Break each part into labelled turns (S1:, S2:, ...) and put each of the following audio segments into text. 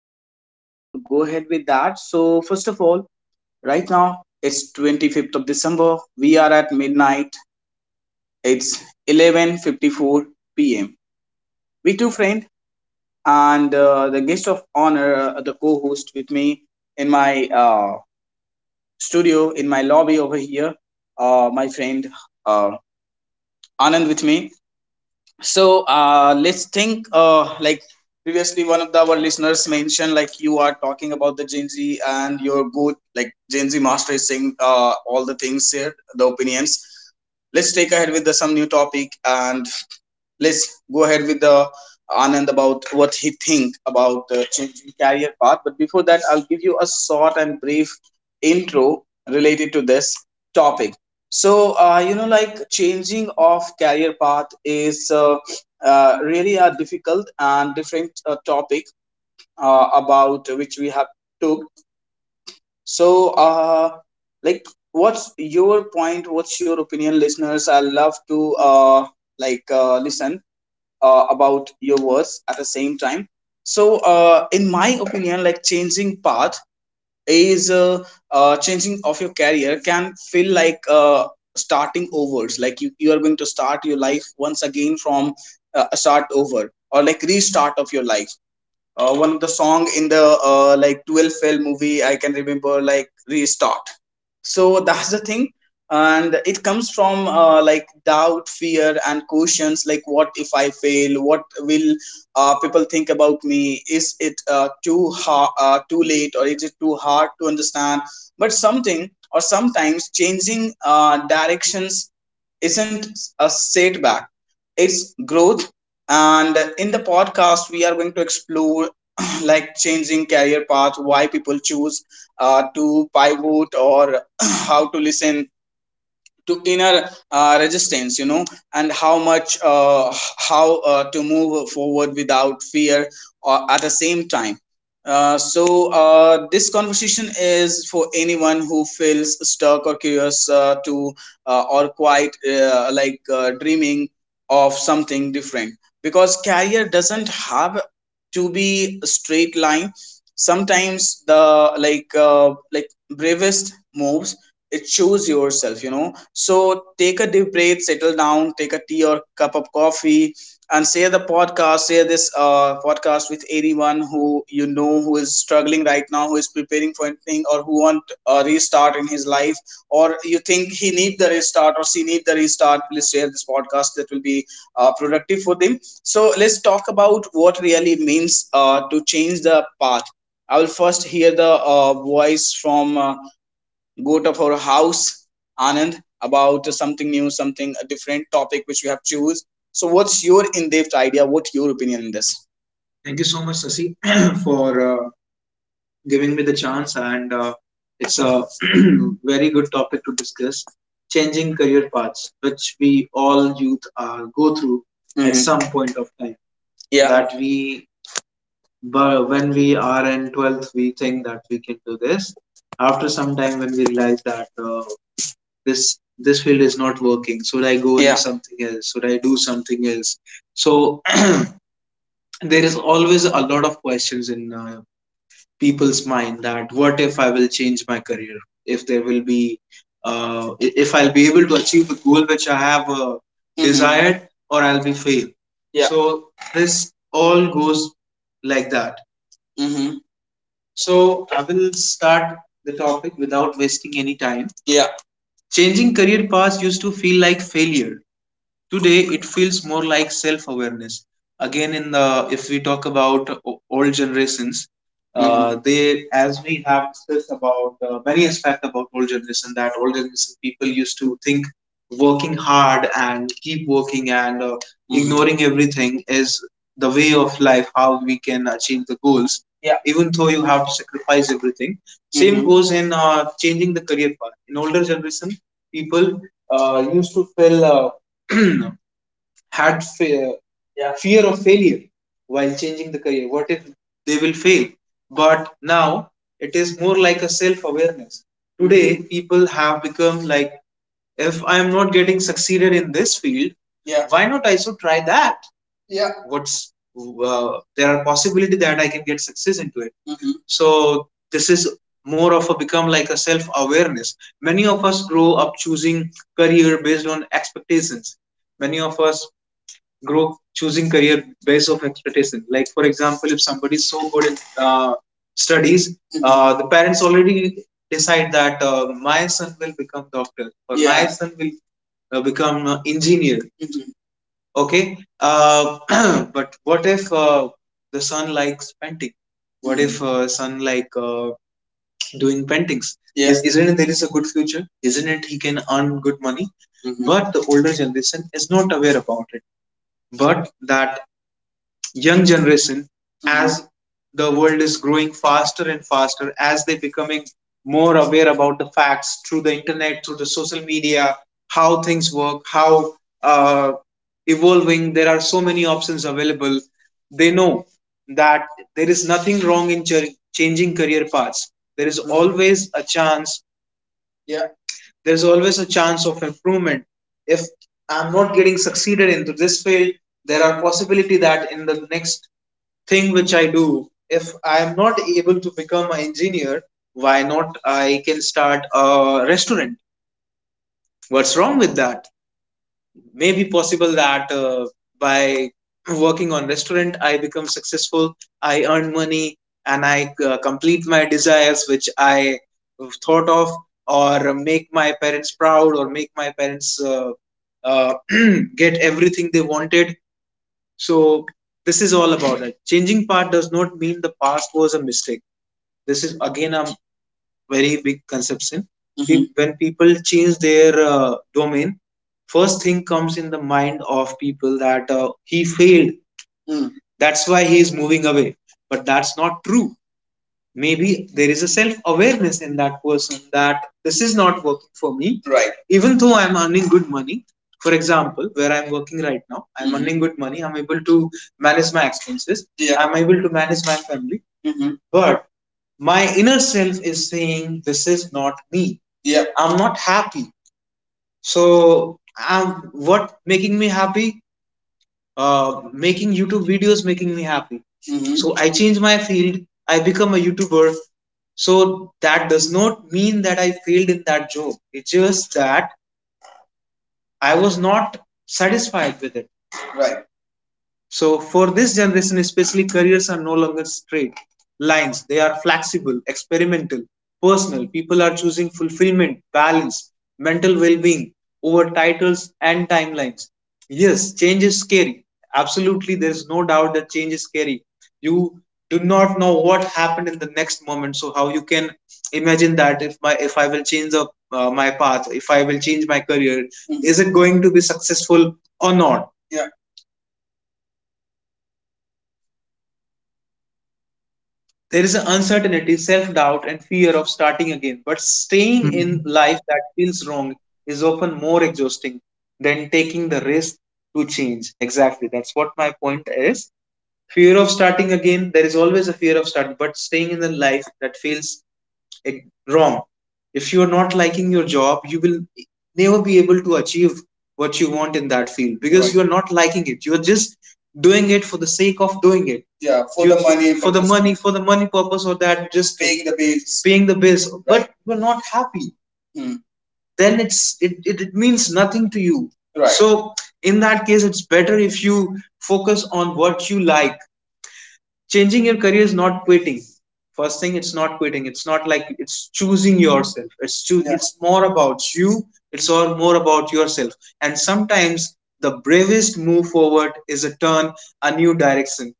S1: I would like to go ahead with that. So first of all, right now it's 25th of December. We are at midnight. It's 11:54 p.m. We two friend and the guest of honor, the co-host with me in my studio, in my lobby over here. My friend uh, Anand with me. So let's think, like, previously one of our listeners mentioned, like, you are talking about the Gen Z and your good, like, Gen Z master is saying, all the things here, the opinions. Let's take ahead with some new topic, and let's go ahead with the Anand about what he think about changing career path. But before that, I'll give you a short and brief intro related to this topic. So, you know, like, changing of career path is really a difficult and different topic about which we have took. So, like, what's your point? What's your opinion, listeners? I love to like listen about your words at the same time. So in my opinion, like, changing path is changing of your career can feel like, starting overs, like, you are going to start your life once again from a start over, or like restart of your life. One of the song in the like 12 fail movie I can remember, like, restart. So that's the thing, and it comes from, like, doubt, fear and questions, like, what if I fail, what will people think about me, is it too late, or is it too hard to understand? But something or sometimes changing directions isn't a setback, it's growth. And in the podcast we are going to explore, like, changing career path, why people choose to pivot, or how to listen to inner resistance, you know, and how much how to move forward without fear, or at the same time. uh, so this conversation is for anyone who feels stuck or curious to or quite dreaming of something different, because career doesn't have to be a straight line. Sometimes the like uh, like bravest moves, it choose yourself, you know. So take a deep breath, settle down, take a tea or cup of coffee, and share the podcast, share this podcast with anyone who you know who is struggling right now, who is preparing for anything, or who want a restart in his life, or you think he need the restart or she need the restart. Please share this podcast, that will be productive for them. So let's talk about what really means to change the path. I will first hear the voice from go to our house, Anand, about something new, something a different topic which we have choose. So, what's your in-depth idea? What your opinion in this? Thank you so much, Sasi, for giving me the chance, and it's a very good topic to discuss. Changing career paths, which we all youth go through at Mhm. some point of time. Yeah. But when we are in 12th, we think that we can do this. After some time, when we realize that, this field is not working, should I go Yeah. in something else, should I do something else? So there is always a lot of questions in people's mind, that what if I will change my career, if there will be uh, if I'll be able to achieve the goal which I have, mm-hmm, desired, or I'll be failed. Yeah. So this all goes like that. Mm-hmm. So I will start the topic without wasting any time. Yeah. Changing career paths used to feel like failure. Today, it feels more like self awareness. Again, in the if we talk about old generations, they as we have discussed about many aspect about old generation, that old generation people used to think working hard and keep working and ignoring everything is the way of life, how we can achieve the goals. Yeah, even though you have to sacrifice everything. Same Mhm. goes in changing the career path. In older generation, people used to feel had fe- Yeah. fear of failure while changing the career. What if they will fail? But now it is more like a self awareness. Today, people have become like, if I am not getting succeeded in this field, Yeah. why not I should try that? Yeah. What's there are possibility that I can get success into it. Mm-hmm. So this is more of a become like a self awareness. Many of us grow up choosing career based on expectations. Many of us grow choosing career based off expectation. Like for example, if somebody is so good in studies, mm-hmm, the parents already decide that, my son will become doctor, or Yeah. my son will become an engineer. Mhm. Okay, uh, but what if the son likes painting? What if son like doing paintings? Yeah. Isn't it there, not it theres a good future? Isn't it he can earn good money? Mhm. But the older generation is not aware about it. But that young generation, as the world is growing faster and faster, as they becoming more aware about the facts through the internet, through the social media, how things work, how uh, evolving, there are so many options available. They know that there is nothing wrong in changing career paths. There is always a chance. Yeah, there's always a chance of improvement. If I'm not getting succeeded into this field, there are possibility that in the next thing which I do. If I am not able to become an engineer, why not I can start a restaurant? What's wrong with that? Maybe possible that, by working on restaurant I become successful, I earn money, and I complete my desires which I thought of, or make my parents proud, or make my parents uh, get everything they wanted. So this is all about that. Changing part does not mean the past was a mistake. This is again a very big conception. Mhm. Mhm. When people change their domain, first thing comes in the mind of people that, he failed. Mm. That's why he is moving away. But that's not true. Maybe there is a self awareness in that person that this is not working for me. Right. Even though I'm earning good money, for example where I'm working right now, I'm Mhm. earning good money, I'm able to manage my expenses, Yeah. I'm able to manage my family, Mm-hmm. but my inner self is saying this is not me. Yeah. I'm not happy. So I'm what making me happy? uh, Making YouTube videos making me happy. Mm-hmm. So I change my field. I become a YouTuber. So that does not mean that I failed in that job. It's just that I was not satisfied with it. Right. So for this generation especially, careers are no longer straight lines. They are flexible, experimental, personal. People are choosing fulfillment, balance, mental well-being over titles and timelines. Yes, change is scary. Absolutely, there is no doubt that change is scary. You do not know what happened in the next moment. So how you can imagine that, if I will change the, my path, if I will change my career, mm, is it going to be successful or not? There is an uncertainty, self doubt, and fear of starting again. But staying in
S2: Mhm,
S1: life that feels wrong is often more exhausting than taking the risk to change. Exactly. That's what my point is. Fear of starting again, there is always a fear of starting, but staying in the life that feels eh, wrong. If you're not liking your job, you will never be able to achieve what you want in that field, because Right. you are not liking it. You are just doing it for the sake of doing it. Yeah, the money, for the money, for the money purpose, or that just paying the bills. Right. But you're not happy. Hmm. Then it means nothing to you. Right. So in that case, it's better if you focus on what you like. Changing your career is not quitting. First thing, it's not quitting, it's not like, it's choosing yourself, it's choosing, yeah, it's more about you, it's all more about yourself. And sometimes the bravest move forward is a turn, a new direction.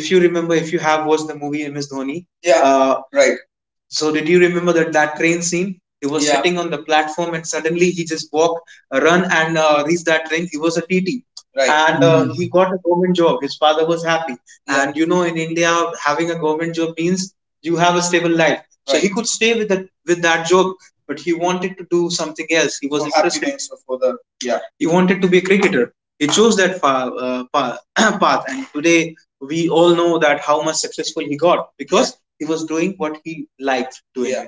S1: If you remember, if you have watched the movie MS Dhoni, yeah, right. So did you remember that train scene? He was, yeah, sitting on the platform and suddenly he just walked, run and reached that train. He was a TT, right, and
S2: mhm.
S1: he got a government job. His father was happy. Yeah. And in India, having a government job means you have a stable life. So, right, he, right, could stay with that job, but he wanted to do something else. He was, for interested, happiness or for the, yeah. He wanted to be a cricketer. He chose that path, and today we all know that how much successful he got because he was doing what he liked doing. Yeah.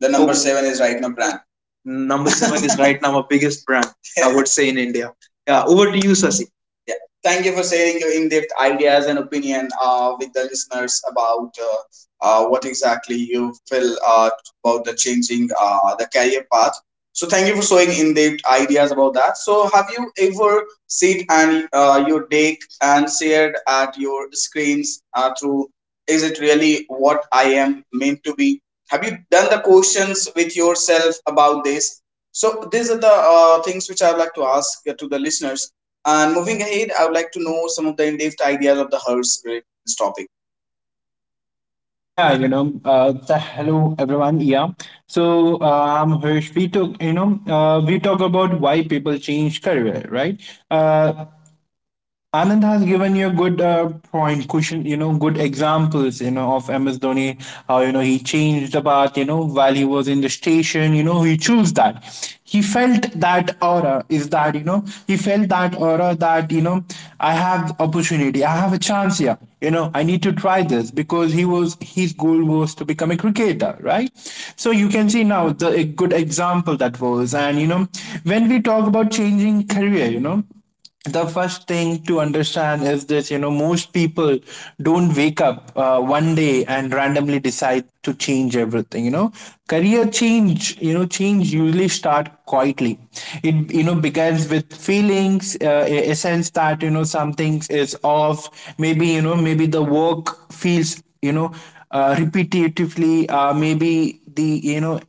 S1: The number, okay, seven is right now brand. Number seven is right now our biggest brand, yeah. I would say, in India. Yeah, over to you, Sasi. Yeah. Thank you for sharing your in-depth ideas and opinion with the listeners about what exactly you feel about the changing the career path. So thank you for showing in-depth ideas about that. So have you ever sit and your deck and shared at your screens through, is it really what I am meant to be? Have you done the questions with yourself about this? So these are the things which I would like to ask to the listeners, and moving ahead, I would like to know some of the in-depth ideas of the Hers related to this topic.
S2: Yeah, you know, so hello everyone. Yeah, so I'm Hirsch. We talk, you know, we talk about why people change career, right? Uh, Anand has given you a good point, cushion, you know, good examples, you know, of MS Dhoni, how, you know, he changed the path, you know, while he was in the station, you know, he chose that. He felt that aura is that, you know, he felt that aura that, you know, I have opportunity, I have a chance here, you know, I need to try this because he was, his goal was to become a cricketer, right? So you can see now the a good example that was. And, you know, when we talk about changing career, you know, the first thing to understand is this. You know, most people don't wake up one day and randomly decide to change everything, you know. Career change, you know, change usually start quietly. It, you know, begins with feelings, a sense that, you know, something is off. Maybe, you know, maybe the work feels, you know, repetitively. uh, maybe the you know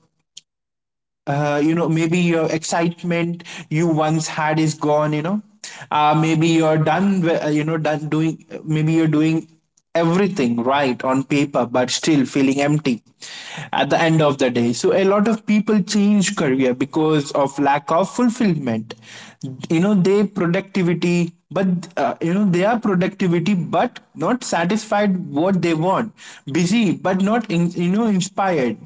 S2: uh, you know maybe your excitement you once had is gone, you know. Maybe you know, done doing, maybe you're doing everything right on paper but still feeling empty at the end of the day. So a lot of people change career because of lack of fulfillment, you know. They productivity, but you know, they are productivity but not satisfied what they want, busy but not, in, you know, inspired,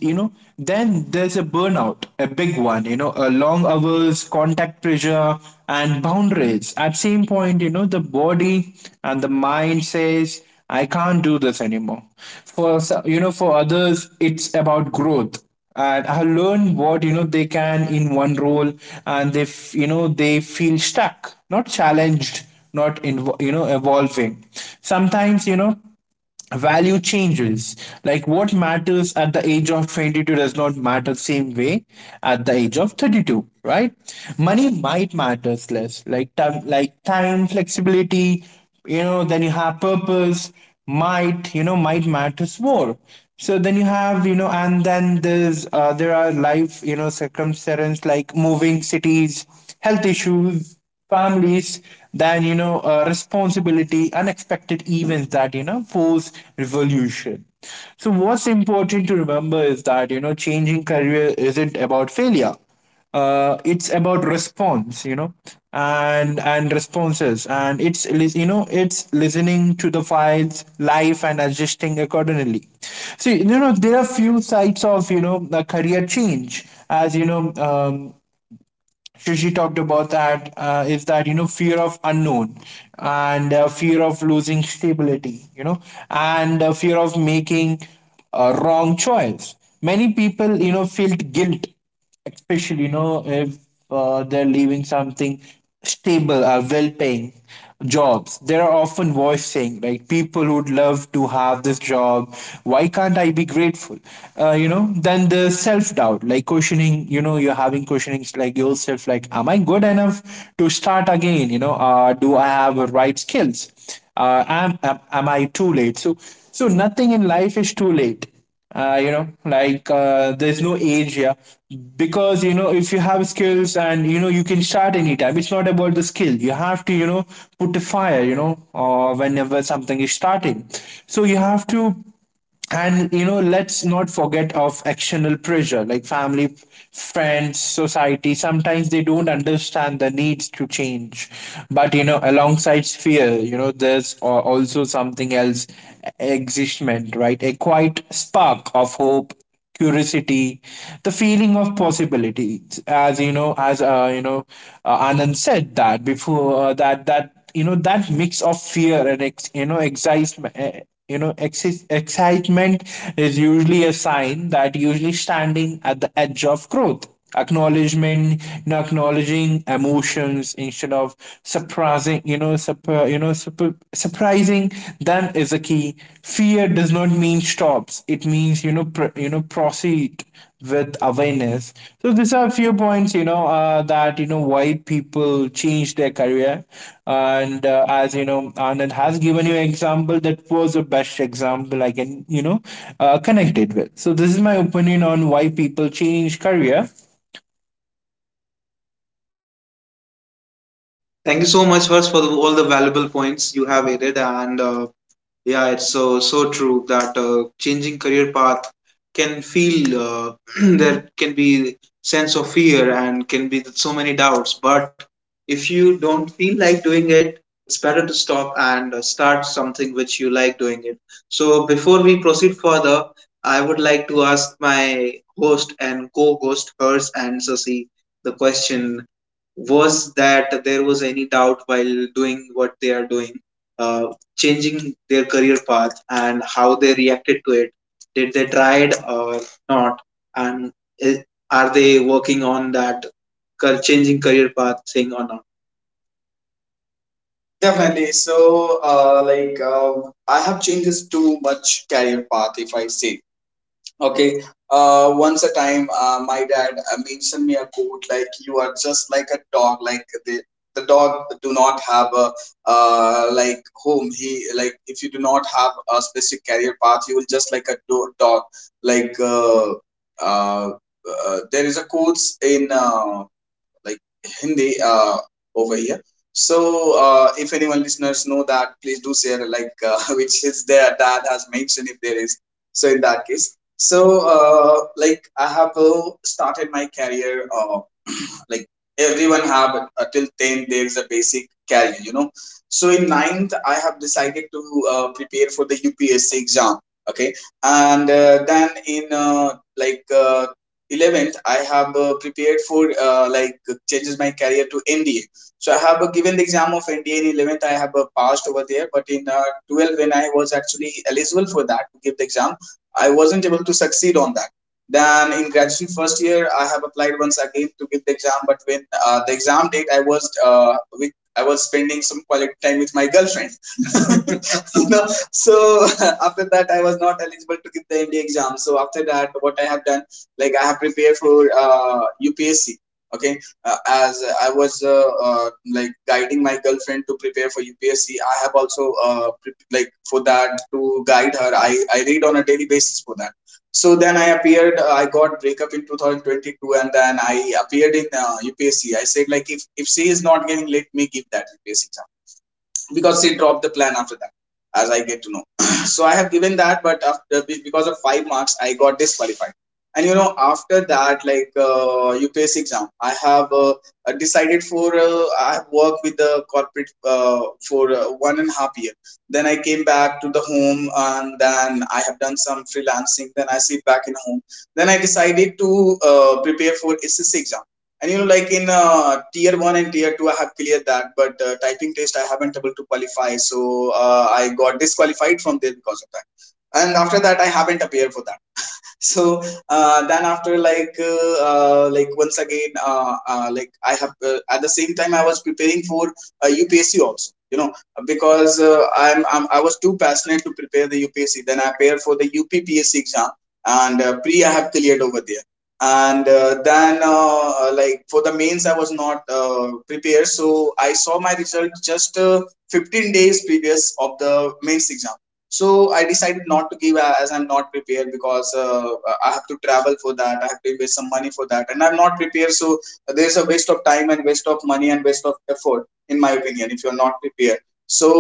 S2: you know. Then there's a burnout, a big one, you know. A long hours, contact pressure, and boundaries at same point, you know, the body and the mind says, I can't do this anymore. You know, for others it's about growth, and I have learned what, you know, they can in one role, and you know, they feel stuck, not challenged, not invo- you know, evolving. Sometimes, you know, value changes, like what matters at the age of 22 does not matter same way at the age of 32, right? Money might matters less, like time, like time flexibility, you know. Then you have purpose, might, you know, might matters more. So then you have you know and then there's there are life, you know, circumstances, like moving cities, health issues, families. Then, you know, responsibility, unexpected events that, you know, force revolution. So what's important to remember is that, you know, changing career isn't about failure. It's about response, you know. And responses, and you know, it's listening to the files life and adjusting accordingly. See, you know, there are few sides of, you know, the career change. As you know, Shushi talked about that, is that, you know, fear of unknown, and fear of losing stability, you know, and fear of making a wrong choice. Many people, you know, feel guilt, especially, you know, if they're leaving something stable or well paying jobs. There are often voicing like people who'd love to have this job. Why can't I be grateful? You know, then the self doubt, like questioning. You know, you're having questionings like yourself, like, am I good enough to start again? You know, do I have the right skills? Am I too late? So nothing in life is too late. You know, there's no age here, because you know if you have skills and you know you can start anytime. It's not about the skill, you have to, you know, put a fire, you know. Whenever something is starting, so you have to. And you know, let's not forget of external pressure like family, friends, society. Sometimes they don't understand the needs to change. But you know, alongside fear, you know, there's also something else, existment, right? A quiet spark of hope, curiosity, the feeling of possibility. As Anand said that before, that you know, that mix of fear and you know, excitement. Excitement is usually a sign that usually standing at the edge of growth. Acknowledgement, acknowledging emotions instead of surprising you know surpri- surprising them is the key. Fear does not mean stops, it means, you know, you know, proceed with awareness. So these are a few points, you know, that you know why people change their career. And as you know, Anand has given you an example that was the best example I can, you know, connect it with. So this is my opinion on why people change career.
S1: Thank you so much, Harsh, for all the valuable points you have added, and yeah, it's so true that changing career path can feel there can be sense of fear and can be so many doubts. But if you don't feel like doing it, it's better to stop and start something which you like doing it. So before we proceed further, I would like to ask my host and co-host Hers and Sasi the question, was that there was any doubt while doing what they are doing, uh, changing their career path and how they reacted to it. Did they try it or not? And i- are they working on that changing career path thing or not? Definitely. So, I have changed this too much career path, if I say. Okay. Once a time, my dad mentioned me a quote like, "You are just like a dog. Like the dog do not have a like home. He like if you do not have a specific career path, you will just like a dog. Like uh, there is a quotes in like Hindi over here." So if anyone listeners know that, please do share like which is their dad has mentioned if there is. So in that case, so I have started my career like everyone have till 10 there's a basic career, you know. So in ninth I have decided to prepare for the UPSC exam. Okay. And then in like 11th I have prepared for uh, like changes my career to NDA. So I have given the exam of NDA in 11th. I have passed over there, but in 12, when I was actually eligible for that to give the exam, I wasn't able to succeed on that. Then in graduation first year, I have applied once again to give the exam, but when the exam date, I was with I was spending some quality time with my girlfriend. No, so after that I was not eligible to give the MD exam. So after that, what I have done, like I have prepared for UPSC. Okay, as I was like guiding my girlfriend to prepare for UPSC, I have also like for that to guide her. I read on a daily basis for that. So then I appeared. I got breakup in 2022, and then I appeared in UPSC. I said like, if she is not giving, let me give that UPSC exam because she dropped the plan after that, as I get to know. So I have given that, but after, because of five marks, I got disqualified. And you know, after that, like UPS exam, I have decided for I have worked with the corporate for 1.5 years. Then I came back to the home, and then I have done some freelancing, then I sit back in home. Then I decided to prepare for SSC exam. And you know, like in tier one and tier two, I have cleared that, but typing test I haven't able to qualify, so I got disqualified from there because of that. And after that, I haven't appeared for that. So then after like once again I have at the same time I was preparing for UPSC also, you know, because I was too passionate to prepare the UPSC. Then I prepared for the UPPSC exam, and pre I have cleared over there. And then like for the mains I was not prepared, so I saw my result just 15 days previous of the mains exam. So I decided not to give as I'm not prepared, because I have to travel for that, I have to invest some money for that, and I'm not prepared. So there's a waste of time and waste of money and waste of effort, in my opinion, if you're not prepared. So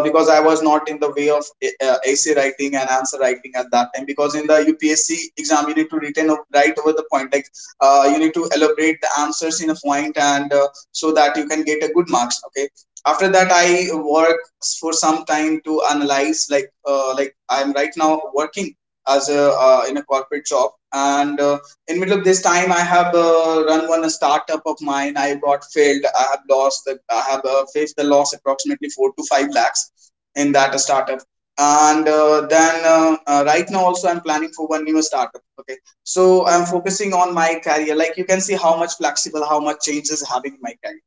S1: because I was not in the way of essay writing and answer writing at that time, because in the UPSC exam you need to written right over the point, like you need to elaborate the answers in a point, and so that you can get a good marks. Okay. After that I work for some time to analyze, like I'm right now working as a in a corporate job. And in middle of this time I have run one a startup of mine. I got failed. I have faced the loss approximately 4 to 5 lakhs in that startup. And then right now also I'm planning for one new startup. Okay. So I'm focusing on my career. Like you can see how much flexible, how much change is having in my career.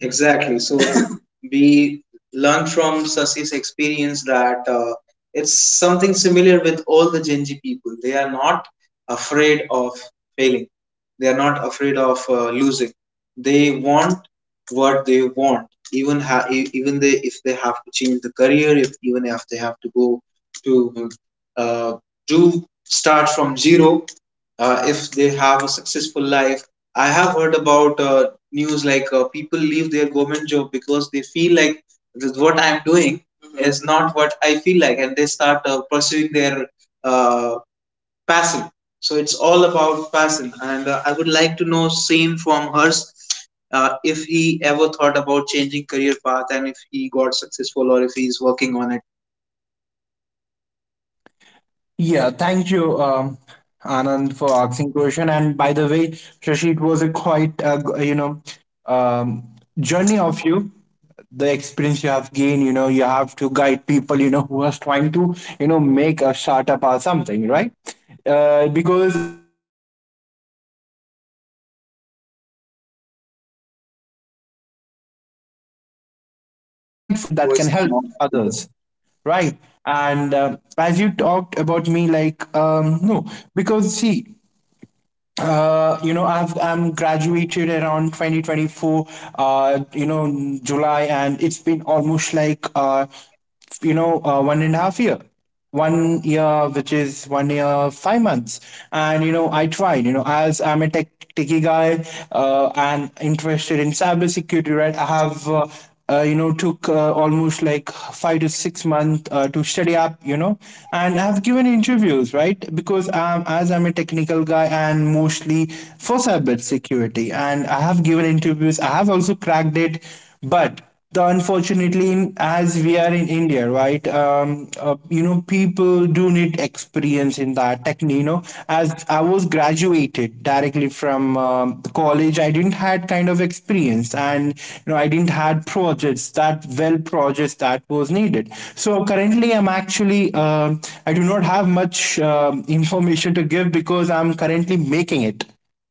S1: Exactly. So we learn from Sasi's experience that it's something similar with all the Gen Z people. They are not afraid of failing. They are not afraid of losing. They want what they want, even even they, if they have to change the career, if even if they have to go to uh, do start from zero, if they have a successful life. I have heard about news like people leave their government job because they feel like with what I'm doing, mhm, is not what I feel like, and they start pursuing their uh, passion. So it's all about passion, and I would like to know same from Hers if he ever thought about changing career path and if he got successful or if he's working on it.
S2: Yeah, thank you, Anand, for asking question. And by the way, Shashi, it was a quite you know, um, journey of you, the experience you have gained, you know. You have to guide people, you know, who are trying to, you know, make a startup or something, right? Because, you know, people who are experienced, right, and if you give information to them, right, they will, you know, it'll
S1: I
S2: be
S1: think Hers is facing
S2: insightful
S1: some
S2: thoughts, you
S1: network
S2: know, and
S1: problem.
S2: information
S1: Harsh
S2: that can
S1: voice is
S2: help
S1: not.
S2: others, right. And as you talked about me, like, no, because see, you know, I'm graduated around 2024, you know, July, and it's been almost like 1.5 years, one year, which is one year 5 months. And you know, I tried, you know, as I'm a techie guy, and interested in cybersecurity, right. I have you know, took almost like 5 to 6 months to study up, you know. And I've given interviews, right, because as I'm a technical guy, and mostly for cyber security, and I have given interviews, I have also cracked it. But the unfortunately in, as we are in India, right, you know, people do need experience in that technique, you know. As I was graduated directly from, the college, I didn't had kind of experience, and you know, I didn't had projects that well, projects that was needed. So currently I'm actually, I do not have much information to give because I'm currently making it.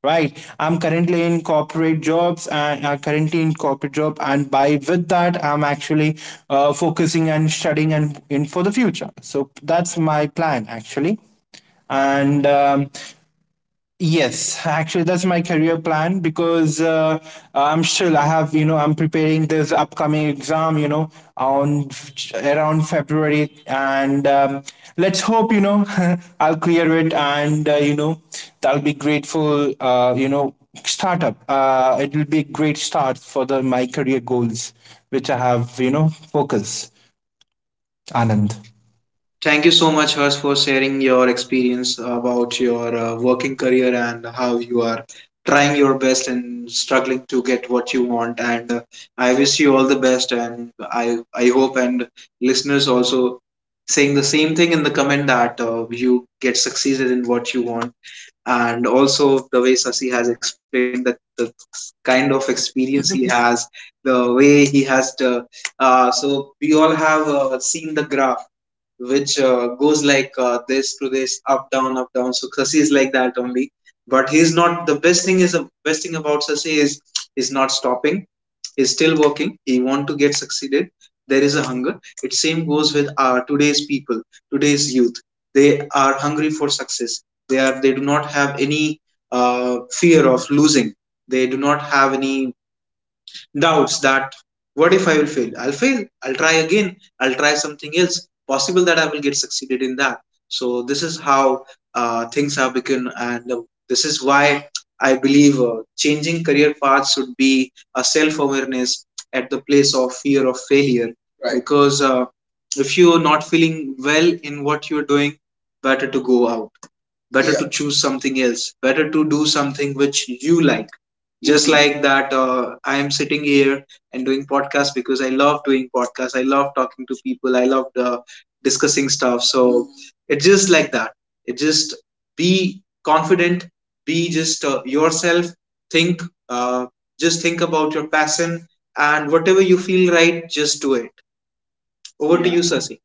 S2: Right. I'm currently in corporate jobs, and currently in corporate job, and by with that, I'm actually focusing and studying and in for the future. So that's my plan actually. And yes, actually, that's my career plan because I'm still, I have, you know, I'm preparing this upcoming exam, you know, on around February. And let's hope, you know, I'll clear it. And, you know, that'll be grateful, you know, startup. It will be a great start for the my career goals, which I have, you know, focus, Anand.
S1: Thank you so much, Hers, for sharing your experience about your working career and how you are trying your best and struggling to get what you want. And I wish you all the best. And I hope, and listeners also saying the same thing in the comment, that you get succeeded in what you want. And also the way Sasi has explained that the kind of experience he has, the way he has to. So we all have seen the graph, which goes like this to this, up down, up down. So Sasi is like that only, but he's not. The best thing about Sasi is he's not stopping, is still working, he want to get succeeded. There is a hunger. It same goes with our today's people, today's youth. They are hungry for success. They do not have any fear of losing. They do not have any doubts that what if I will fail? I'll fail. I'll try again. I'll try something else. Possible that I will get succeeded in that. So this is how things have begun, and this is why I believe changing career paths should be a self-awareness at the place of fear of failure. Right. Because if you're not feeling well in what you're doing, better to go out, better, yeah, to choose something else, better to do something which you like. Just like that, I am sitting here and doing podcast, because I love doing podcasts, I love talking to people, I love discussing stuff. So it's just like that. It just be confident, be just yourself. Think, uh, just think about your passion, and whatever you feel right, just do it. Over, yeah, to you, Sasi.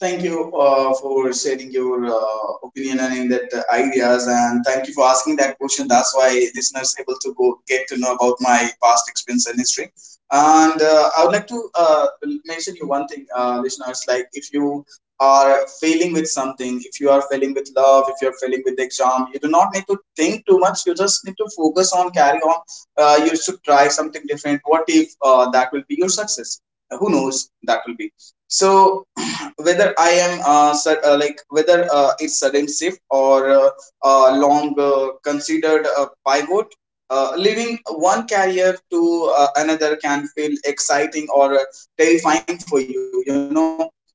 S1: Thank you for sharing your opinion and in that ideas, and thank you for asking that question. That's why listeners able to go get to know about my past experience and history. And I would like to mention you one thing, listeners. Like if you are failing with something, if you are failing with love, if you are failing with the exam, you do not need to think too much. You just need to focus on carry on. You should try something different. What if that will be your success? Who knows? That will be. So whether I am like whether it's sudden shift or long considered pivot, leaving one career to another can feel exciting or terrifying for you. You know,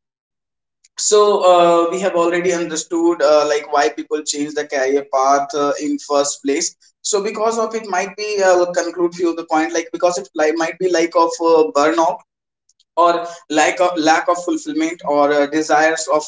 S1: so we have already understood like why people change the career path in first place. So because of it, might be I'll conclude few of the point, like because it like, might be like of burnout or lack of fulfillment or desires of growth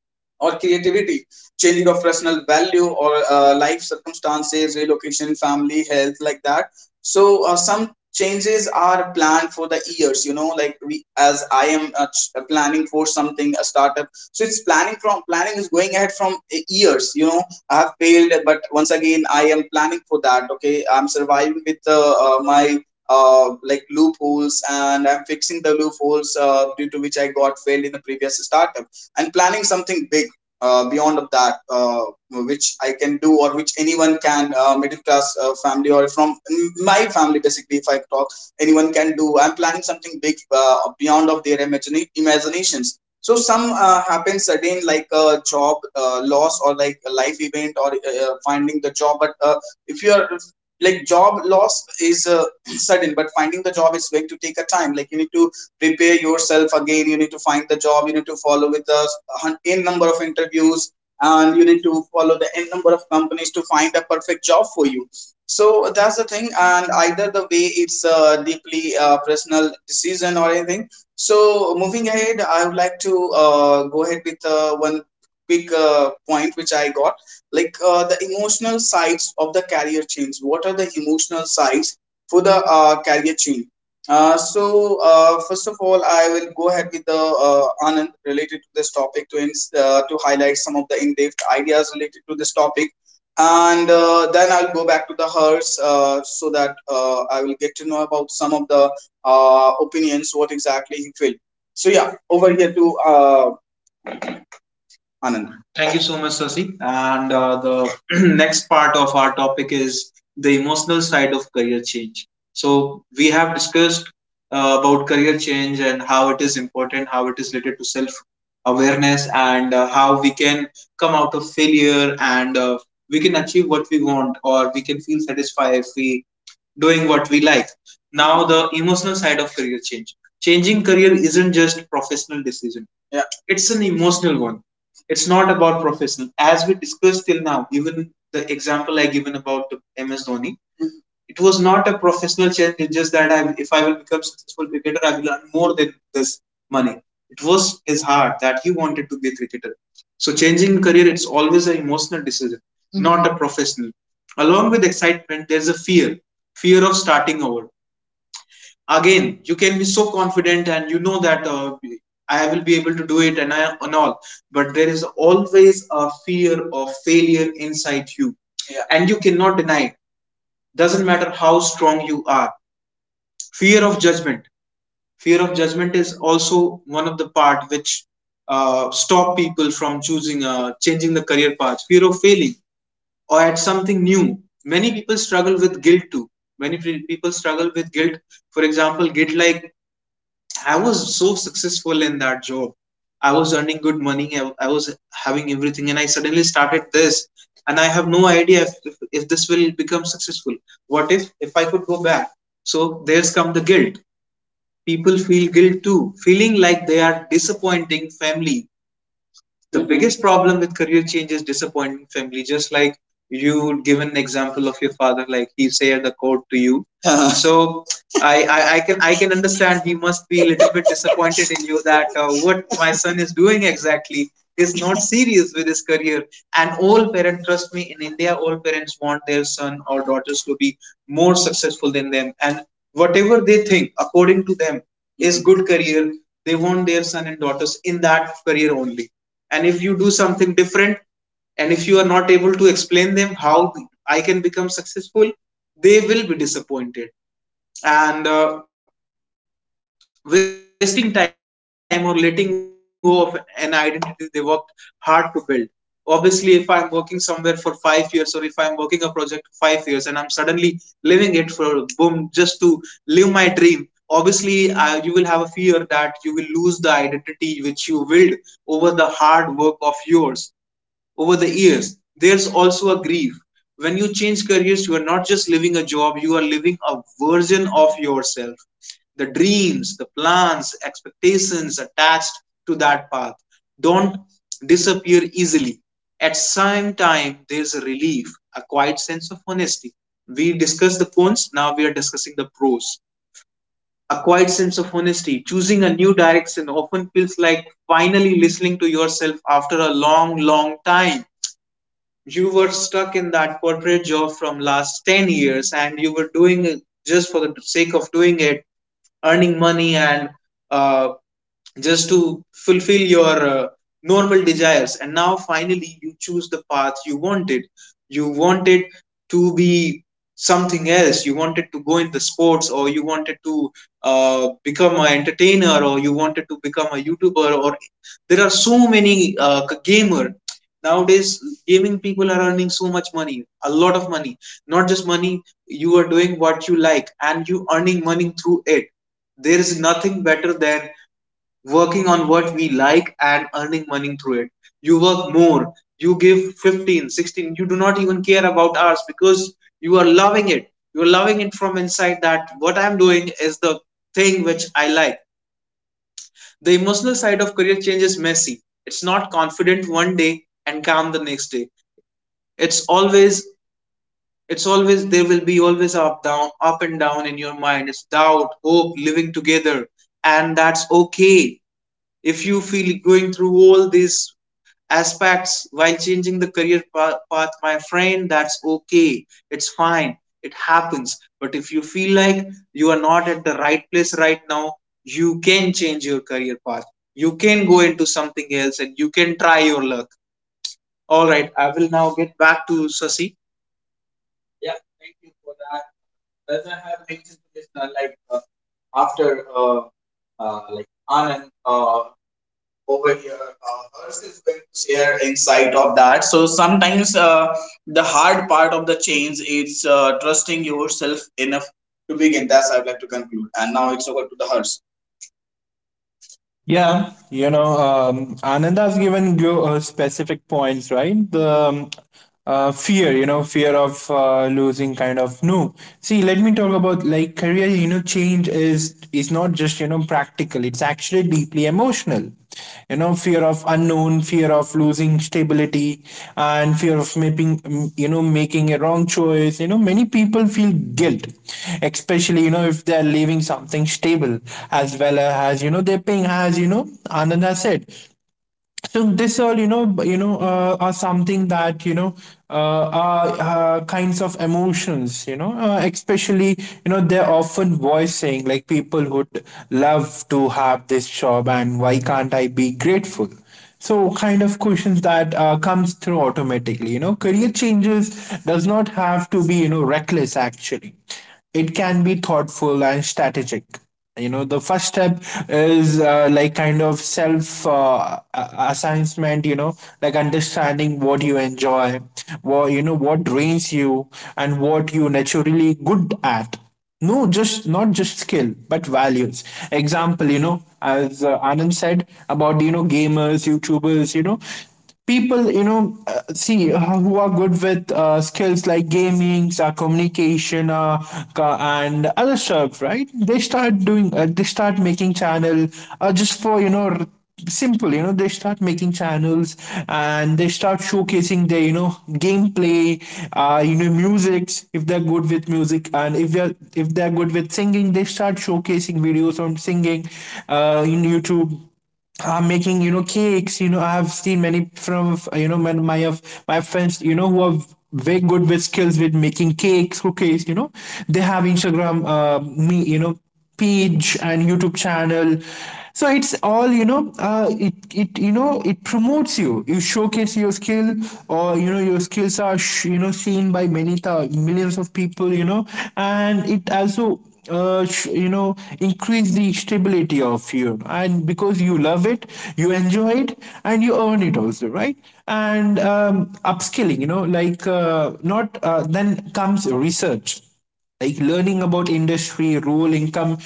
S1: or creativity, changing of personal value or life circumstances, relocation, family, health, like that. So some changes are planned for the years. You know, like we, as I am planning for something, a startup. So it's planning, from planning is going ahead from years. You know, I have failed, but once again I am planning for that. Okay, I'm surviving with my like loopholes, and I'm fixing the loopholes due to which I got failed in the previous startup, and planning something big beyond of that, which I can do, or which anyone can, middle class family or from my family basically, if I talk, anyone can do. I'm planning something big beyond of their imaginations. So some happen sudden, like a job loss or like a life event or finding the job. But if you are, like, job loss is sudden, but finding the job is going to take a time. Like you need to prepare yourself again, you need to find the job, you need to follow with a n number of interviews, and you need to follow the n number of companies to find the perfect job for you. So that's the thing, and either the way it's a deeply personal decision or anything. So moving ahead, I would like to go ahead with one quick point which I got, like the emotional sides of the career change. What are the emotional sides for the career change? First of all, I will go ahead with the Anand related to this topic, to to highlight some of the in-depth ideas related to this topic, and then I'll go back to the hers so that I will get to know about some of the opinions, what exactly he felt. So yeah, over here to Anand. Thank you so much, Sasi. And the next part of our topic is the emotional side of career change. So we have discussed about career change and how it is important, how it is related to self awareness, and how we can come out of failure and we can achieve what we want, or we can feel satisfied if we doing what we like. Now the emotional side of career change. Changing career isn't just professional decision. Yeah. It's an emotional one. It's not about professional. As we discussed till now, even the example I given about the MS Dhoni. Mhm. It was not a professional change. It's just that if I will become successful cricketer, I will earn more than this money. It was his heart that he wanted to be a cricketer. So changing career, it's always an emotional decision, mm-hmm, not a professional. Along with excitement, there's a fear, fear of starting over again. You can be so confident and you know that I will be able to do it, and all, but there is always a fear of failure inside you. Yeah. And you cannot deny it, doesn't matter how strong you are. Fear of judgment, fear of judgment is also one of the part which stop people from choosing, changing the career path, fear of failing or at something new. Many people struggle with guilt too. Many people struggle with guilt. For example, guilt like I was so successful in that job. I was earning good money. I was having everything, and I suddenly started this, and I have no idea if this will become successful. What if I could go back? So there's come the guilt. People feel guilt too, feeling like they are disappointing family. The biggest problem with career change is disappointing family. Just like you give an example of your father, like he said the quote to you. Uh-huh. So, I can understand, he must be a little bit disappointed in you, that what my son is doing exactly, is not serious with his career. And all parents, trust me, in India all parents want their son or daughters to be more successful than them, and whatever they think, according to them, is good career, they want their son and daughters in that career only. And if you do something different, and if you are not able to explain them how I can become successful, they will be disappointed. And wasting time or letting go of an identity they worked hard to build. Obviously, if I'm working somewhere for 5 years, or if I'm working a project for 5 years and I'm suddenly leaving it for boom, just to live my dream, obviously you will have a fear that you will lose the identity which you build over the hard work of yours, over the years. There's also a grief. When you change careers, you are not just living a job, you are living a version of yourself. The dreams, the plans, expectations attached to that path don't disappear easily. At same time, there's a relief, a quiet sense of honesty. We discussed the cons, now we are discussing the pros, acquired sense of honesty. Choosing a new direction often feels like finally listening to yourself after a long, long time. You were stuck in that corporate job from last 10 years and you were doing it just for the sake of doing it, earning money and uh, just to fulfill your normal desires, and now finally you choose the path you wanted. You wanted to be something else, you wanted to go in the sports, or you wanted to become an entertainer, or you wanted to become a YouTuber, or there are so many gamer. Nowadays gaming people are earning so much money, a lot of money. Not just money, you are doing what you like and you earning money through it. There is nothing better than working on what we like and earning money through it. You work more, you give 15, 16. You do not even care about hours because you are loving it. You are loving it from inside, that what I'm doing is the thing which I like. The emotional side of career change is messy. It's not confident one day and calm the next day. It's always it's always there will be always up down, up and down in your mind. It's doubt, hope, living together, and that's okay if you feel going through all these aspects while changing the path, my friend. That's okay, it's fine, it happens. But if you feel like you are not at the right place right now, you can change your career path, you can go into something else, and you can try your luck. All right, I will now get back to Sasi. Yeah, thank you for that. As I have mentioned to listener, after like Anand over here. Hers is going to share insight of that. So sometimes the hard part of the change is trusting yourself enough to begin. That's I would like to conclude. And now it's over to the hers.
S2: Yeah, you know, Ananda's given you specific points, right? The fear, you know, fear of losing, kind of. No, see, let me talk about like career. You know, change is not just, you know, practical; it's actually deeply emotional, you know. Fear of unknown, fear of losing stability, and fear of making, you know, making a wrong choice, you know. Many people feel guilt, especially, you know, if they're leaving something stable, as well as, you know, they're paying, as you know, Ananda said. So this all, you know, you know, are something that, you know, are kinds of emotions, you know, especially, you know, they're often voicing like people would love to have this job, and why can't I be grateful. So kind of questions that comes through automatically, you know. Career changes does not have to be, you know, reckless. Actually, it can be thoughtful and strategic, you know. The first step is like kind of self assessment, you know, like understanding what you enjoy, what drains you, and what you naturally good at. No, just not just skill but values. Example, you know, as Anand said about, you know, gamers, youtubers, you know, people, you know, see, who are good with skills like gaming, communication, and other stuff, right? They start doing, they start making channel, just for, you know, simple, you know, they start making channels, and they start showcasing their, you know, gameplay, you know, musics. If they're good with music, and if they're good with singing, they start showcasing videos on singing in YouTube, making, you know, cakes. You know, I have seen many from, you know, my friends, you know, who are very good with skills with making cakes, cookies. You know, they have Instagram, me, you Know page and YouTube channel. So it's all it promotes you, you showcase your skill, or your skills are seen by millions of people, and it also increase the stability of you. And because you love it, you enjoy it, and you earn it also, right? And upskilling, you know like not then comes research, like learning about industry role, income,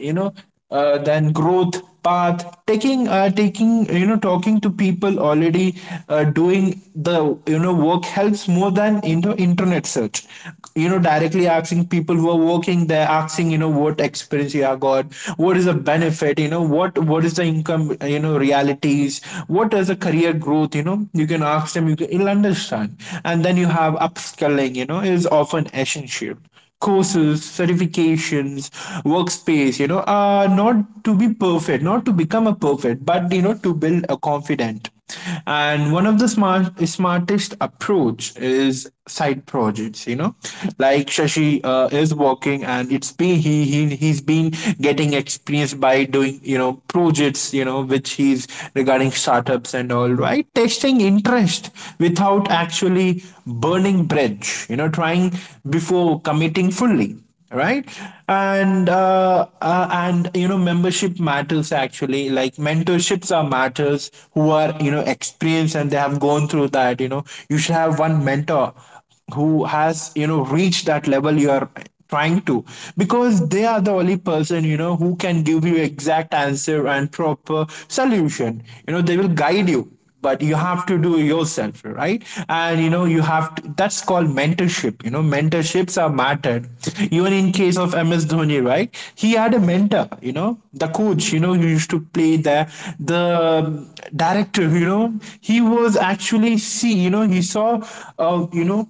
S2: you know then growth path, taking taking you know talking to people already doing the work helps more than internet search, directly asking people who are working there, asking what experience you have got, what is the benefit, what is the income, realities, what is the career growth. You know, you can ask them, you you'll understand. And then you have upskilling, you know, is often essential. Courses, certifications, workspace, you know, are not to be perfect, not to become a perfect, but you know, to build a confident. And one of the smartest approach is side projects, you know, like Shashi is working, and it's been he's been getting experience by doing, you know, projects, you know, which he's regarding startups and all, right? Test manifesting interest without actually burning bridge, you know, trying before committing fully, right? And and you know, membership matters, actually, like mentorships are matters, who are, you know, experienced, and they have gone through that, you know. You should have one mentor who has, you know, reached that level you are trying to, because they are the only person, you know, who can give you exact answer and proper solution. You know, they will guide you, but you have to do it yourself, right? And you know, you have to, that's called mentorship. You know, mentorships are mattered. Even in case of MS Dhoni, right? He had a mentor, you know, the coach, you know, who used to play there, the director, you know, he was actually, see, you know, he saw, you know,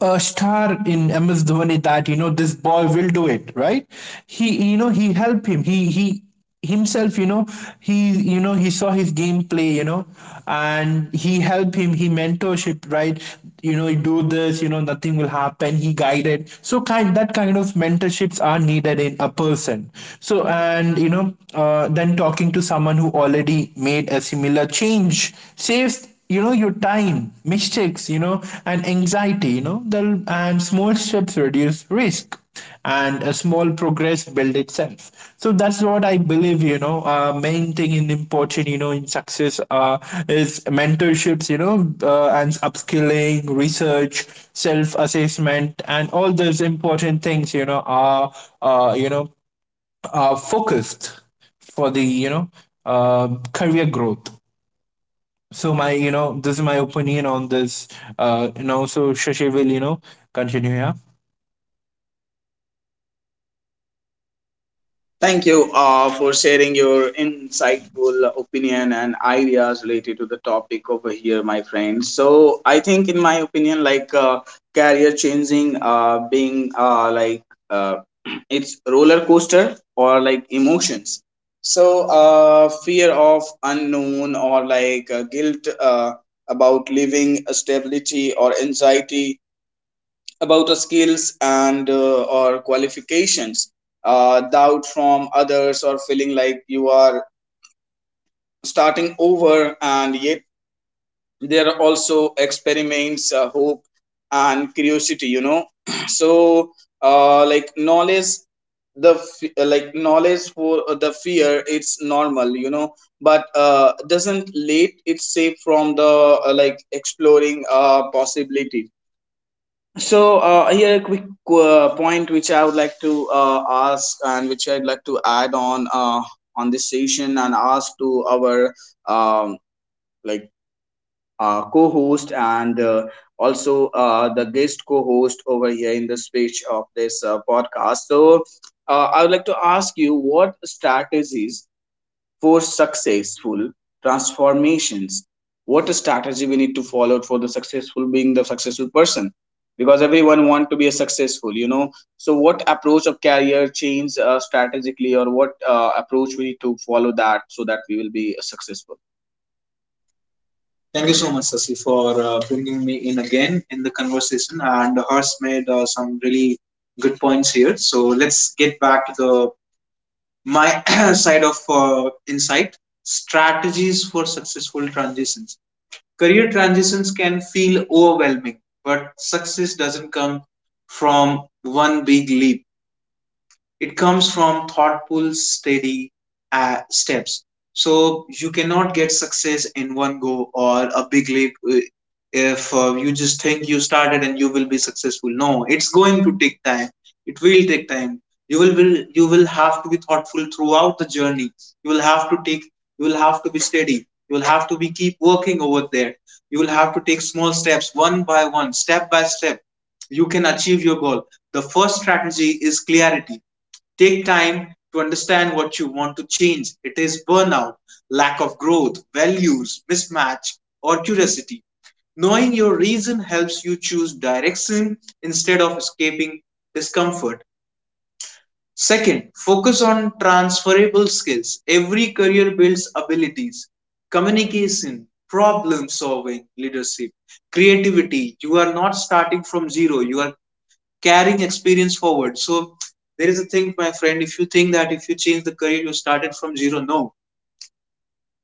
S2: a star in MS Dhoni, that you know this boy will do it, right? He, you know, he helped him. He himself, you know, he, you know, he saw his game play, you know, and he helped him, he mentorship, right? You know, you do this, you know, nothing will happen, he guided, so kind, that kind of mentorships are needed in a person. So and you know, then talking to someone who already made a similar change saves, you know, your time, mistakes, you know, and anxiety, and small steps reduce risk, and a small progress build itself. So that's what I believe, you know, main thing in important, you know, in success, is mentorships, you know, and upskilling, research, self assessment, and all those important things, you know, are uh, you know are focused for the, you know, career growth. So my, you know, this is my opinion on this. You know, so Shashi will, you know, continue. Yeah,
S1: Thank you for sharing your insightful opinion and ideas related to the topic over here, my friend. So I think, in my opinion, career changing, being uh, it's roller coaster or like emotions. So, fear of unknown or guilt about living stability, or anxiety about our skills and or qualifications, doubt from others, or feeling like you are starting over. And yet there are also experiments, hope and curiosity, you know. So like knowledge, like knowledge for the fear, it's normal, you know, but doesn't let it safe from the like exploring possibility. So here a quick point which I would like to ask and which I'd like to add on this session and ask to our um, like co-host and also the guest co-host over here in the speech of this podcast. So I would like to ask you, what strategies for successful transformations, what a strategy we need to follow for the successful, being the successful person? Because everyone want to be a successful, you know. So what approach of career change, strategically, or what approach we need to follow that, so that we will be successful? Thank you so much, Sasi, for bringing me in again in the conversation. And Hers made some really good points here. So let's get back to the my side of insight, strategies for successful transitions. Career transitions can feel overwhelming, but success doesn't come from one big leap. It comes from thoughtful, steady steps. So you cannot get success in one go or a big leap if you just think you started and you will be successful. No, it's going to take time. It will take time. You will have to be thoughtful throughout the journey. You will have to take. You will have to be steady. You will have to be keep working over there. You will have to take small steps, one by one, step by step you can achieve your goal. The first strategy is clarity. Take time to understand what you want to change. It is burnout, lack of growth, values, mismatch, or curiosity. Knowing your reason helps you choose direction instead of escaping discomfort. Second, focus on transferable skills. Every career builds abilities: communication, problem solving, leadership, creativity. You are not starting from zero, you are carrying experience forward. So there is a thing, my friend, if you think that if you change the career, you started from zero, no.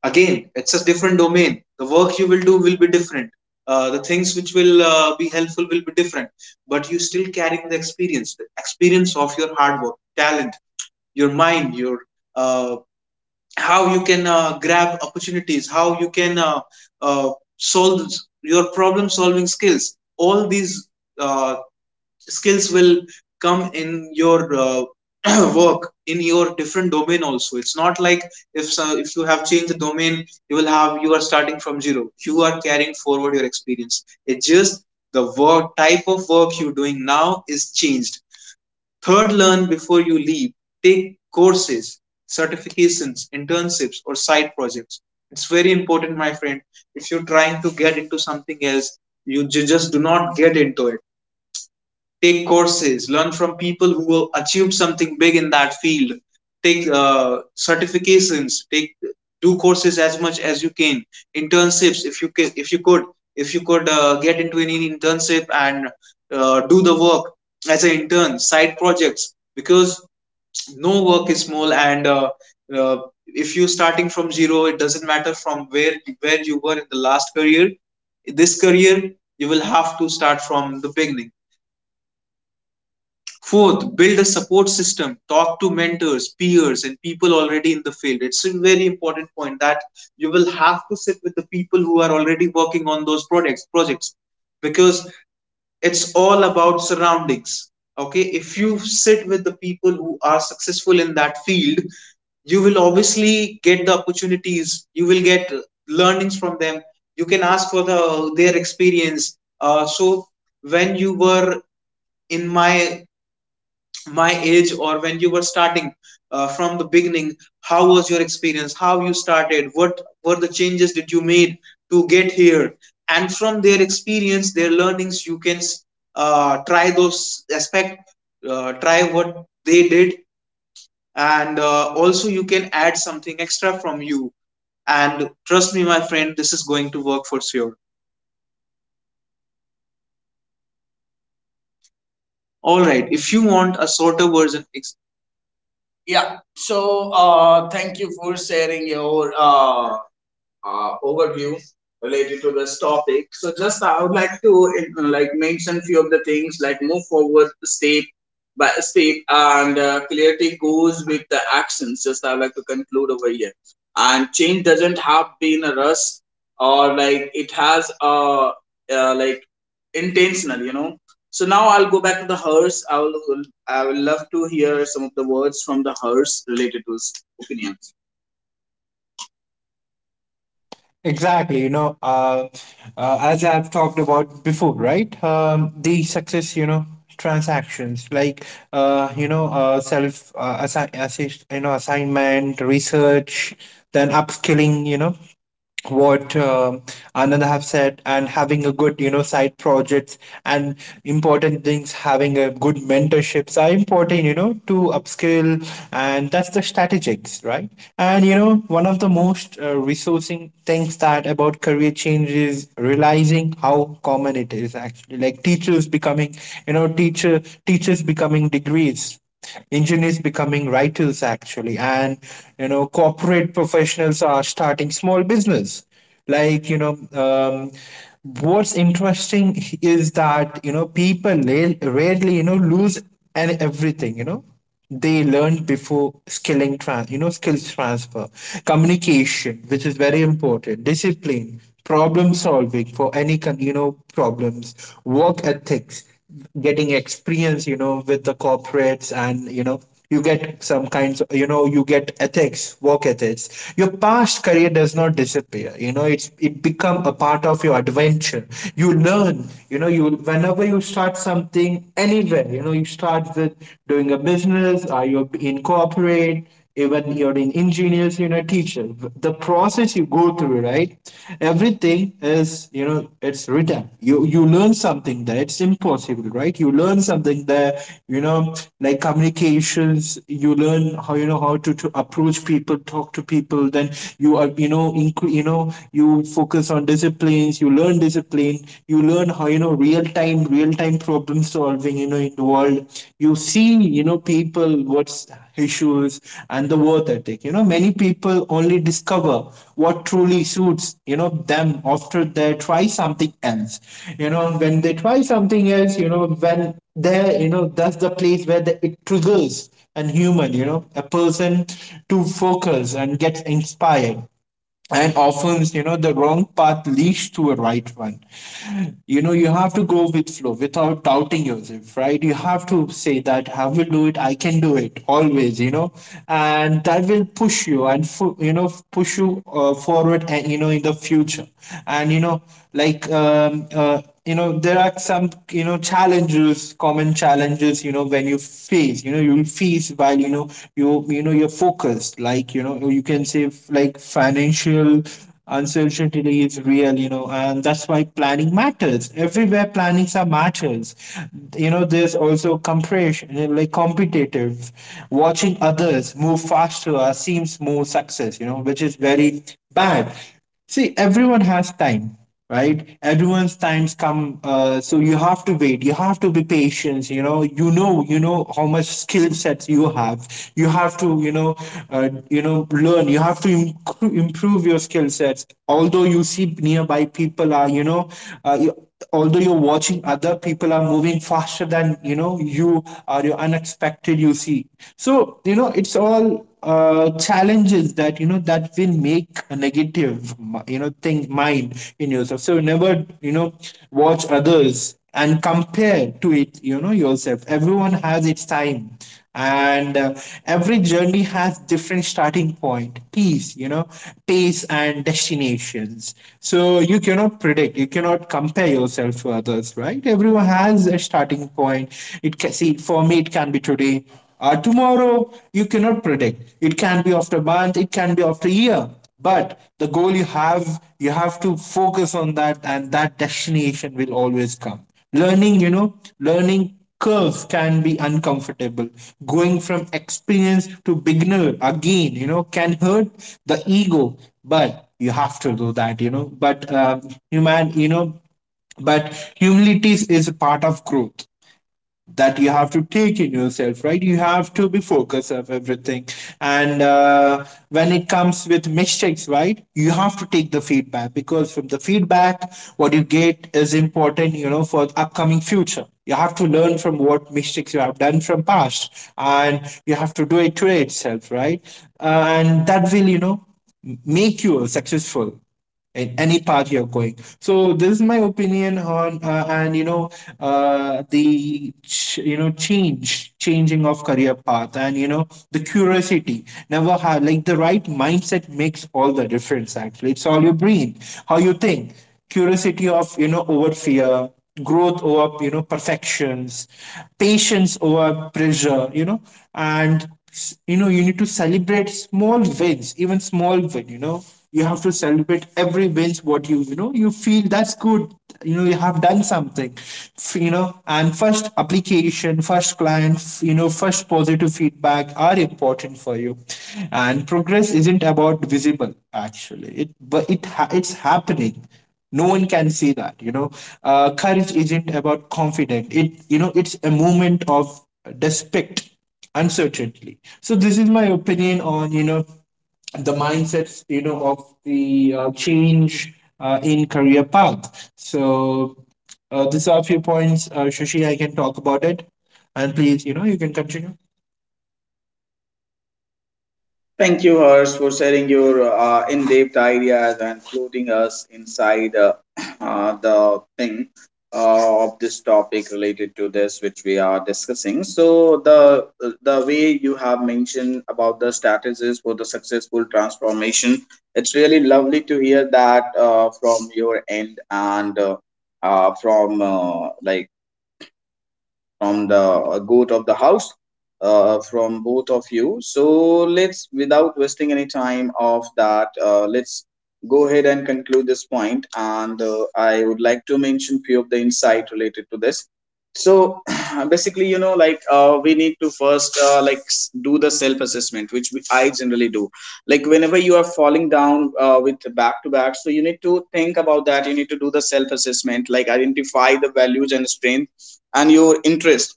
S1: Again, it's a different domain. The work you will do will be different. The things which will be helpful will be different, but you still carrying the experience of your hard work, talent, your mind, your uh, how you can grab opportunities, how you can uh, solve your problem solving skills. All these uh, skills will come in your work in your different domain also. It's not like if so, if you have changed the domain you will have, you are starting from zero, you are carrying forward your experience. It's just the work, type of work you're doing now is changed. Third, learn before you leave. Take courses, certifications, internships, or side projects. It's very important, my friend. If you're trying to get into something else, you just do not get into it. Take courses, learn from people who achieved something big in that field. Take certifications, take, do courses as much as you can. Internships if you can, if you could, if you could get into any internship and do the work as an intern. Side projects, because no work is small. And uh, if you're starting from zero, it doesn't matter from where you were in the last career. In this career you will have to start from the beginning. Fourth, build a support system. Talk to mentors, peers, and people already in the field. It's a very important point that you will have to sit with the people who are already working on those products, projects, because it's all about surroundings. Okay, if you sit with the people who are successful in that field, you will obviously get the opportunities. You will get learnings from them. You can ask for the their experience. So when you were in my age or when you were starting from the beginning, how was your experience, how you started, what were the changes did you made to get here? And from their experience, their learnings you can try those aspect, try what they did. And also you can add something extra from you, and trust me my friend, this is going to work for sure. All right, if you want a shorter version ex-. Yeah. So thank you for sharing your overview related to this topic. So just I would like to like mention few of the things, like move forward step by step, and clarity goes with the actions. Just I would like to conclude over here. And change doesn't have been a rush or like it has a like intentional, you know. So now I'll go back to the hearse. I will love to hear some of the words from the hearse related to his opinion.
S2: exactly. You know, as I've talked about before, right? The success, you know, transactions like, you know, self, you know, assignment, research, then upskilling, you know, what Ananda have said, and having a good, you know, side projects, and important things, having a good mentorships are important, you know, to upskill. And that's the strategics, right? And you know, one of the most resourcing things that about career change is realizing how common it is, actually, like teachers becoming, you know, teachers becoming degrees, engineers becoming writers, actually, and you know, corporate professionals are starting small business, like you know, um, what's interesting is that you know people rarely, you know, lose, and everything, you know, they learned before, skilling trans you know, skills transfer, communication, which is very important, discipline, problem solving for any you know problems, work ethics, getting experience, you know, with the corporates, and you know, you get some kinds, you know, you get ethics, work ethics, your past career does not disappear, you know, it's, it become a part of your adventure. You learn, you know, you whenever you start something anywhere, you know, you start with doing a business, or you in corporate, even you're an engineer, you're a teacher. The process you go through, right? Everything is, you know, it's written. You learn something there. It's impossible, right? You learn something there. You know, like communications. You learn how, you know, how to approach people, talk to people. Then you are, you know, you know, you focus on disciplines. You learn discipline. You learn how, you know, real time time real time problem solving, you know, in the world. You see, you know, people, what's issues, and the worth ethic, you know, many people only discover what truly suits, you know, them after they try something else. You know, when they try something else, you know, when they, you know, that's the place where it triggers and human, you know, a person to focus and get inspired. And often, you know, the wrong path leads to a right one. You know, you have to go with flow without doubting yourself, right? You have to say that I will do it, I can do it, always, you know. And that will push you and you know, push you forward, and you know, in the future, and you know, like you know, there are some, you know, challenges, common challenges, you know, when you face, you know, you'll face while, you know, you know, you're focused, like you know, you can say, like financial uncertainty is real, you know, and that's why planning matters, everywhere planning some matters. You know, there's also compression, you know, like competitive, watching others move faster, seems more success, you know, which is very bad. See, everyone has time, right? Everyone's times come, so you have to wait. You have to be patient. You know, you know how much skill sets you have. You have to, you know, learn. You have to improve your skill sets. Although you see nearby people are, you know, uh, you, although you're watching other people are moving faster than, you know, you are, you unexpected, you see. So you know, it's all challenges that, you know, that will make a negative, you know, thing mind in yourself. So never, you know, watch others and compare to, it you know, yourself. Everyone has its time, and every journey has different starting point, peace, you know, pace, and destinations. So you cannot predict, you cannot compare yourself to others, right? Everyone has a starting point. It can see for me, it can be today, tomorrow, you cannot predict. It can be after a month, it can be after a year. But the goal you have to focus on that, and that destination will always come. Learning curves can be uncomfortable. Going from experienced to beginner again, you know, can hurt the ego, but you have to do that, you know. Human, you know, but humility is a part of growth that you have to take in yourself, right? You have to be focused of everything. And when it comes with mistakes, right? You have to take the feedback, because from the feedback, what you get is important, you know, for upcoming future. You have to learn from what mistakes you have done from past, and you have to do it today itself, right? And that will, you know, make you successful in any part you're going. So this is my opinion on, and you know, you know, change changing of career path, and you know, the curiosity never had, like the right mindset makes all the difference. Actually, it's all your brain, how you think. Curiosity of, you know, over fear, growth over, you know, perfections, patience over pressure, you know. And you know, you need to celebrate small wins, even small win, you know, you have to celebrate every wins, what you know, you feel that's good, you know, you have done something. You know, and first application, first client, you know, first positive feedback are important for you. And progress isn't about visible, actually, it but it's happening, no one can see that, you know. Courage isn't about confidence, it, you know, it's a movement of despect uncertainty. So this is my opinion on, you know, the mindsets, you know, of the change in career path. So these are a few points, Shashi, I can talk about it, and please, you know, you can continue.
S1: Thank you, Harsh, for sharing your in-depth ideas and including us inside the thing of this topic related to this, which we are discussing. So the way you have mentioned about the strategies for the successful transformation, it's really lovely to hear that from your end, and from from the goat of the house, from both of you. So let's, without wasting any time of that, let's go ahead and conclude this point. And I would like to mention few of the insight related to this. So basically, you know, we need to first do the self assessment, which I generally do. Like whenever you are falling down with back to back, so you need to think about that. You need to do the self assessment, like identify the values and strength and your interest.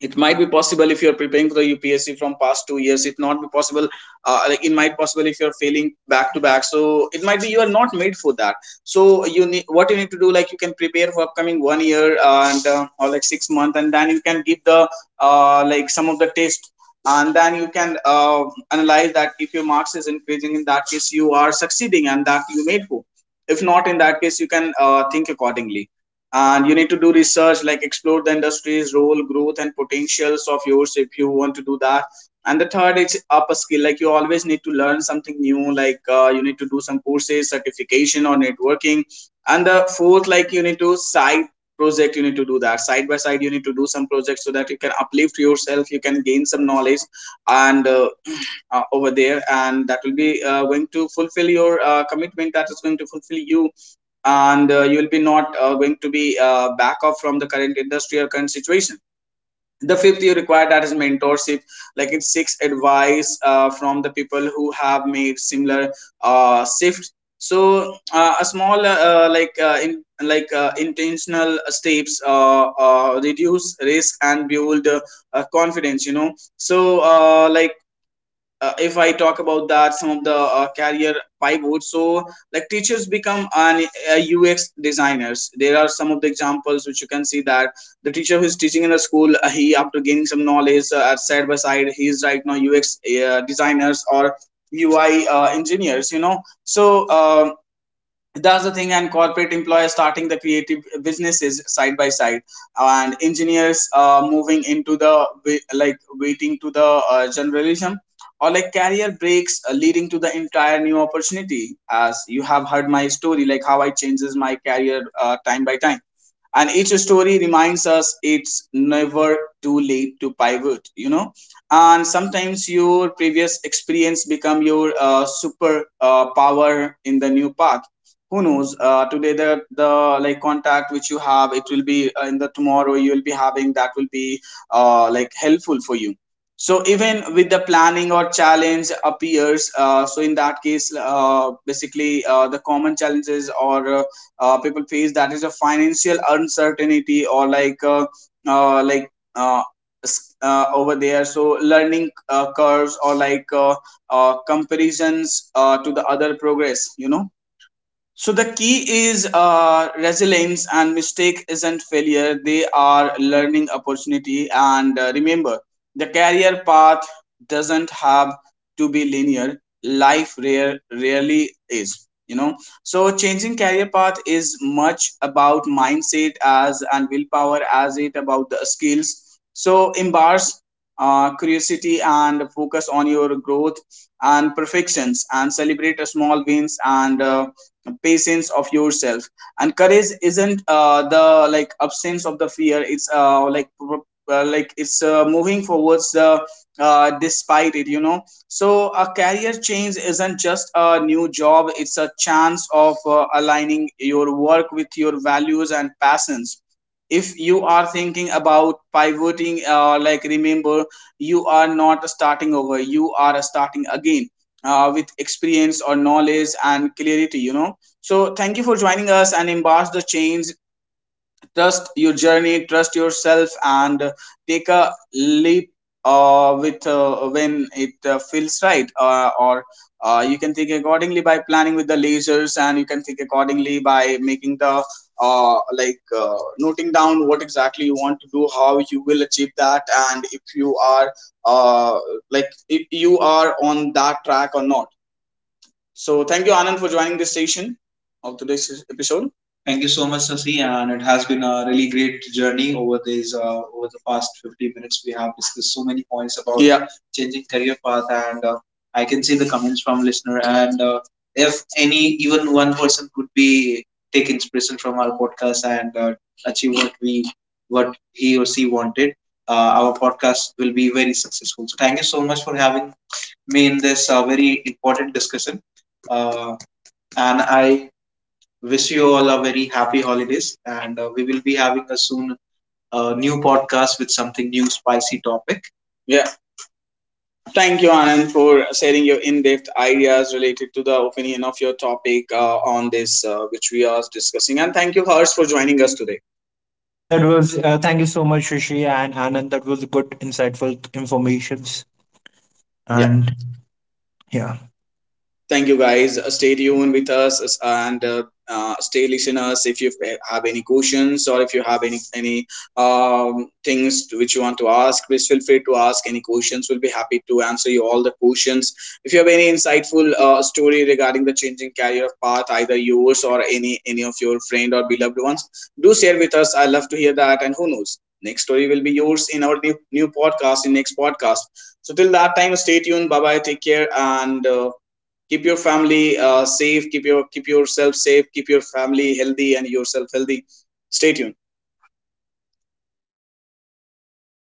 S1: It might be possible, if you're preparing for the upsc from past 2 years it not be possible, it might possible if you're failing back to back, so it might be you are not made for that. So you need, what you need to do, like you can prepare for upcoming 1 year and or like 6 months, and then you can give the some of the test, and then you can analyze that, if your marks is increasing, in that case you are succeeding and that you made for. If not, in that case you can think accordingly. And you need to do research, like explore the industry's role, growth and potentials of yours, if you want to do that. And the third is up a skill, like you always need to learn something new, like you need to do some courses, certification, or networking. And the fourth, like you need to side project, you need to do that side by side, you need to do some projects, so that you can uplift yourself, you can gain some knowledge. And over there, and that will be going to fulfill your commitment, that is going to fulfill you, and you will be not going to be back off from the current industry or current situation. The fifth you require, that is mentorship, like it's six advice from the people who have made similar shift. So a small like in like intentional steps reduce risk and build confidence, you know. So if I talk about that, some of the career pivots. So, like teachers become an a UX designers. There are some of the examples which you can see that the teacher who is teaching in the school, he after gaining some knowledge at side by side, he is right now UX designers or UI engineers. That's the thing, and corporate employers starting the creative businesses side by side, and engineers moving into the like waiting to the generalism or like career breaks leading to the entire new opportunity, as you have heard my story like how I changes my career time by time. And each story reminds us it's never too late to pivot. And sometimes your previous experience become your super power in the new path. Who knows, today the like contact which you have, it will be in the tomorrow, you will be having that will be like helpful for you. So even with the planning or challenge appears, so in that case, basically, the common challenges or people face, that is a financial uncertainty or like over there. So learning curves or like comparisons to the other progress. So the key is resilience, and mistake isn't failure. They are learning opportunity. And remember, the career path doesn't have to be linear. Life rarely is. You know, so changing career path is much about mindset as and willpower as it about the skills. So embrace curiosity and focus on your growth and perfections, and celebrate small wins, and patience of yourself. And courage isn't the like absence of the fear, it's like it's moving forwards, despite it. So a career change isn't just a new job, it's a chance of aligning your work with your values and passions. If you are thinking about pivoting, like remember, you are not starting over, you are starting again with experience or knowledge and clarity. So thank you for joining us and embrace the change. Trust your journey, trust yourself, and take a leap with when it feels right, or you can think accordingly by planning with the lasers, and you can think accordingly by making the noting down what exactly you want to do, how you will achieve that, and if you are uh, if you are on that track or not. So thank you, Anand, for joining this session of today's episode. Thank you so much, Sasi, and it has been a really great journey over these over the past 50 minutes. We have discussed so many points about. Yeah, changing career path, and I can see the comments from listener. And if any, even one person could be take inspiration from our podcast and achieve what we what he or she wanted, uh, our podcast will be very successful. So thank you so much for having me in this very important discussion. Uh, and I wish you all a very happy holidays. And we will be having a soon new podcast with something new, spicy topic. Yeah, thank you, Anand, for sharing your in depth ideas related to the opinion of your topic on this, which we are discussing. And thank you, Harsh, for joining us today.
S2: That was, thank you so much, Shashi and Anand, that was good insightful informations.
S1: Yeah.
S2: And yeah
S1: Thank you, guys. Stay tuned with us and stay listeners. If you have any questions, or if you have any things which you want to ask, please feel free to ask any questions. We'll be happy to answer you all the questions. If you have any insightful story regarding the changing career path, either yours or any of your friend or beloved ones, do share with us. I love to hear that. And who knows, next story will be yours in our new podcast, in next podcast. So till that time, stay tuned. Bye bye. Take care. And keep your family safe, keep your keep yourself safe, keep your family healthy and yourself healthy. Stay tuned.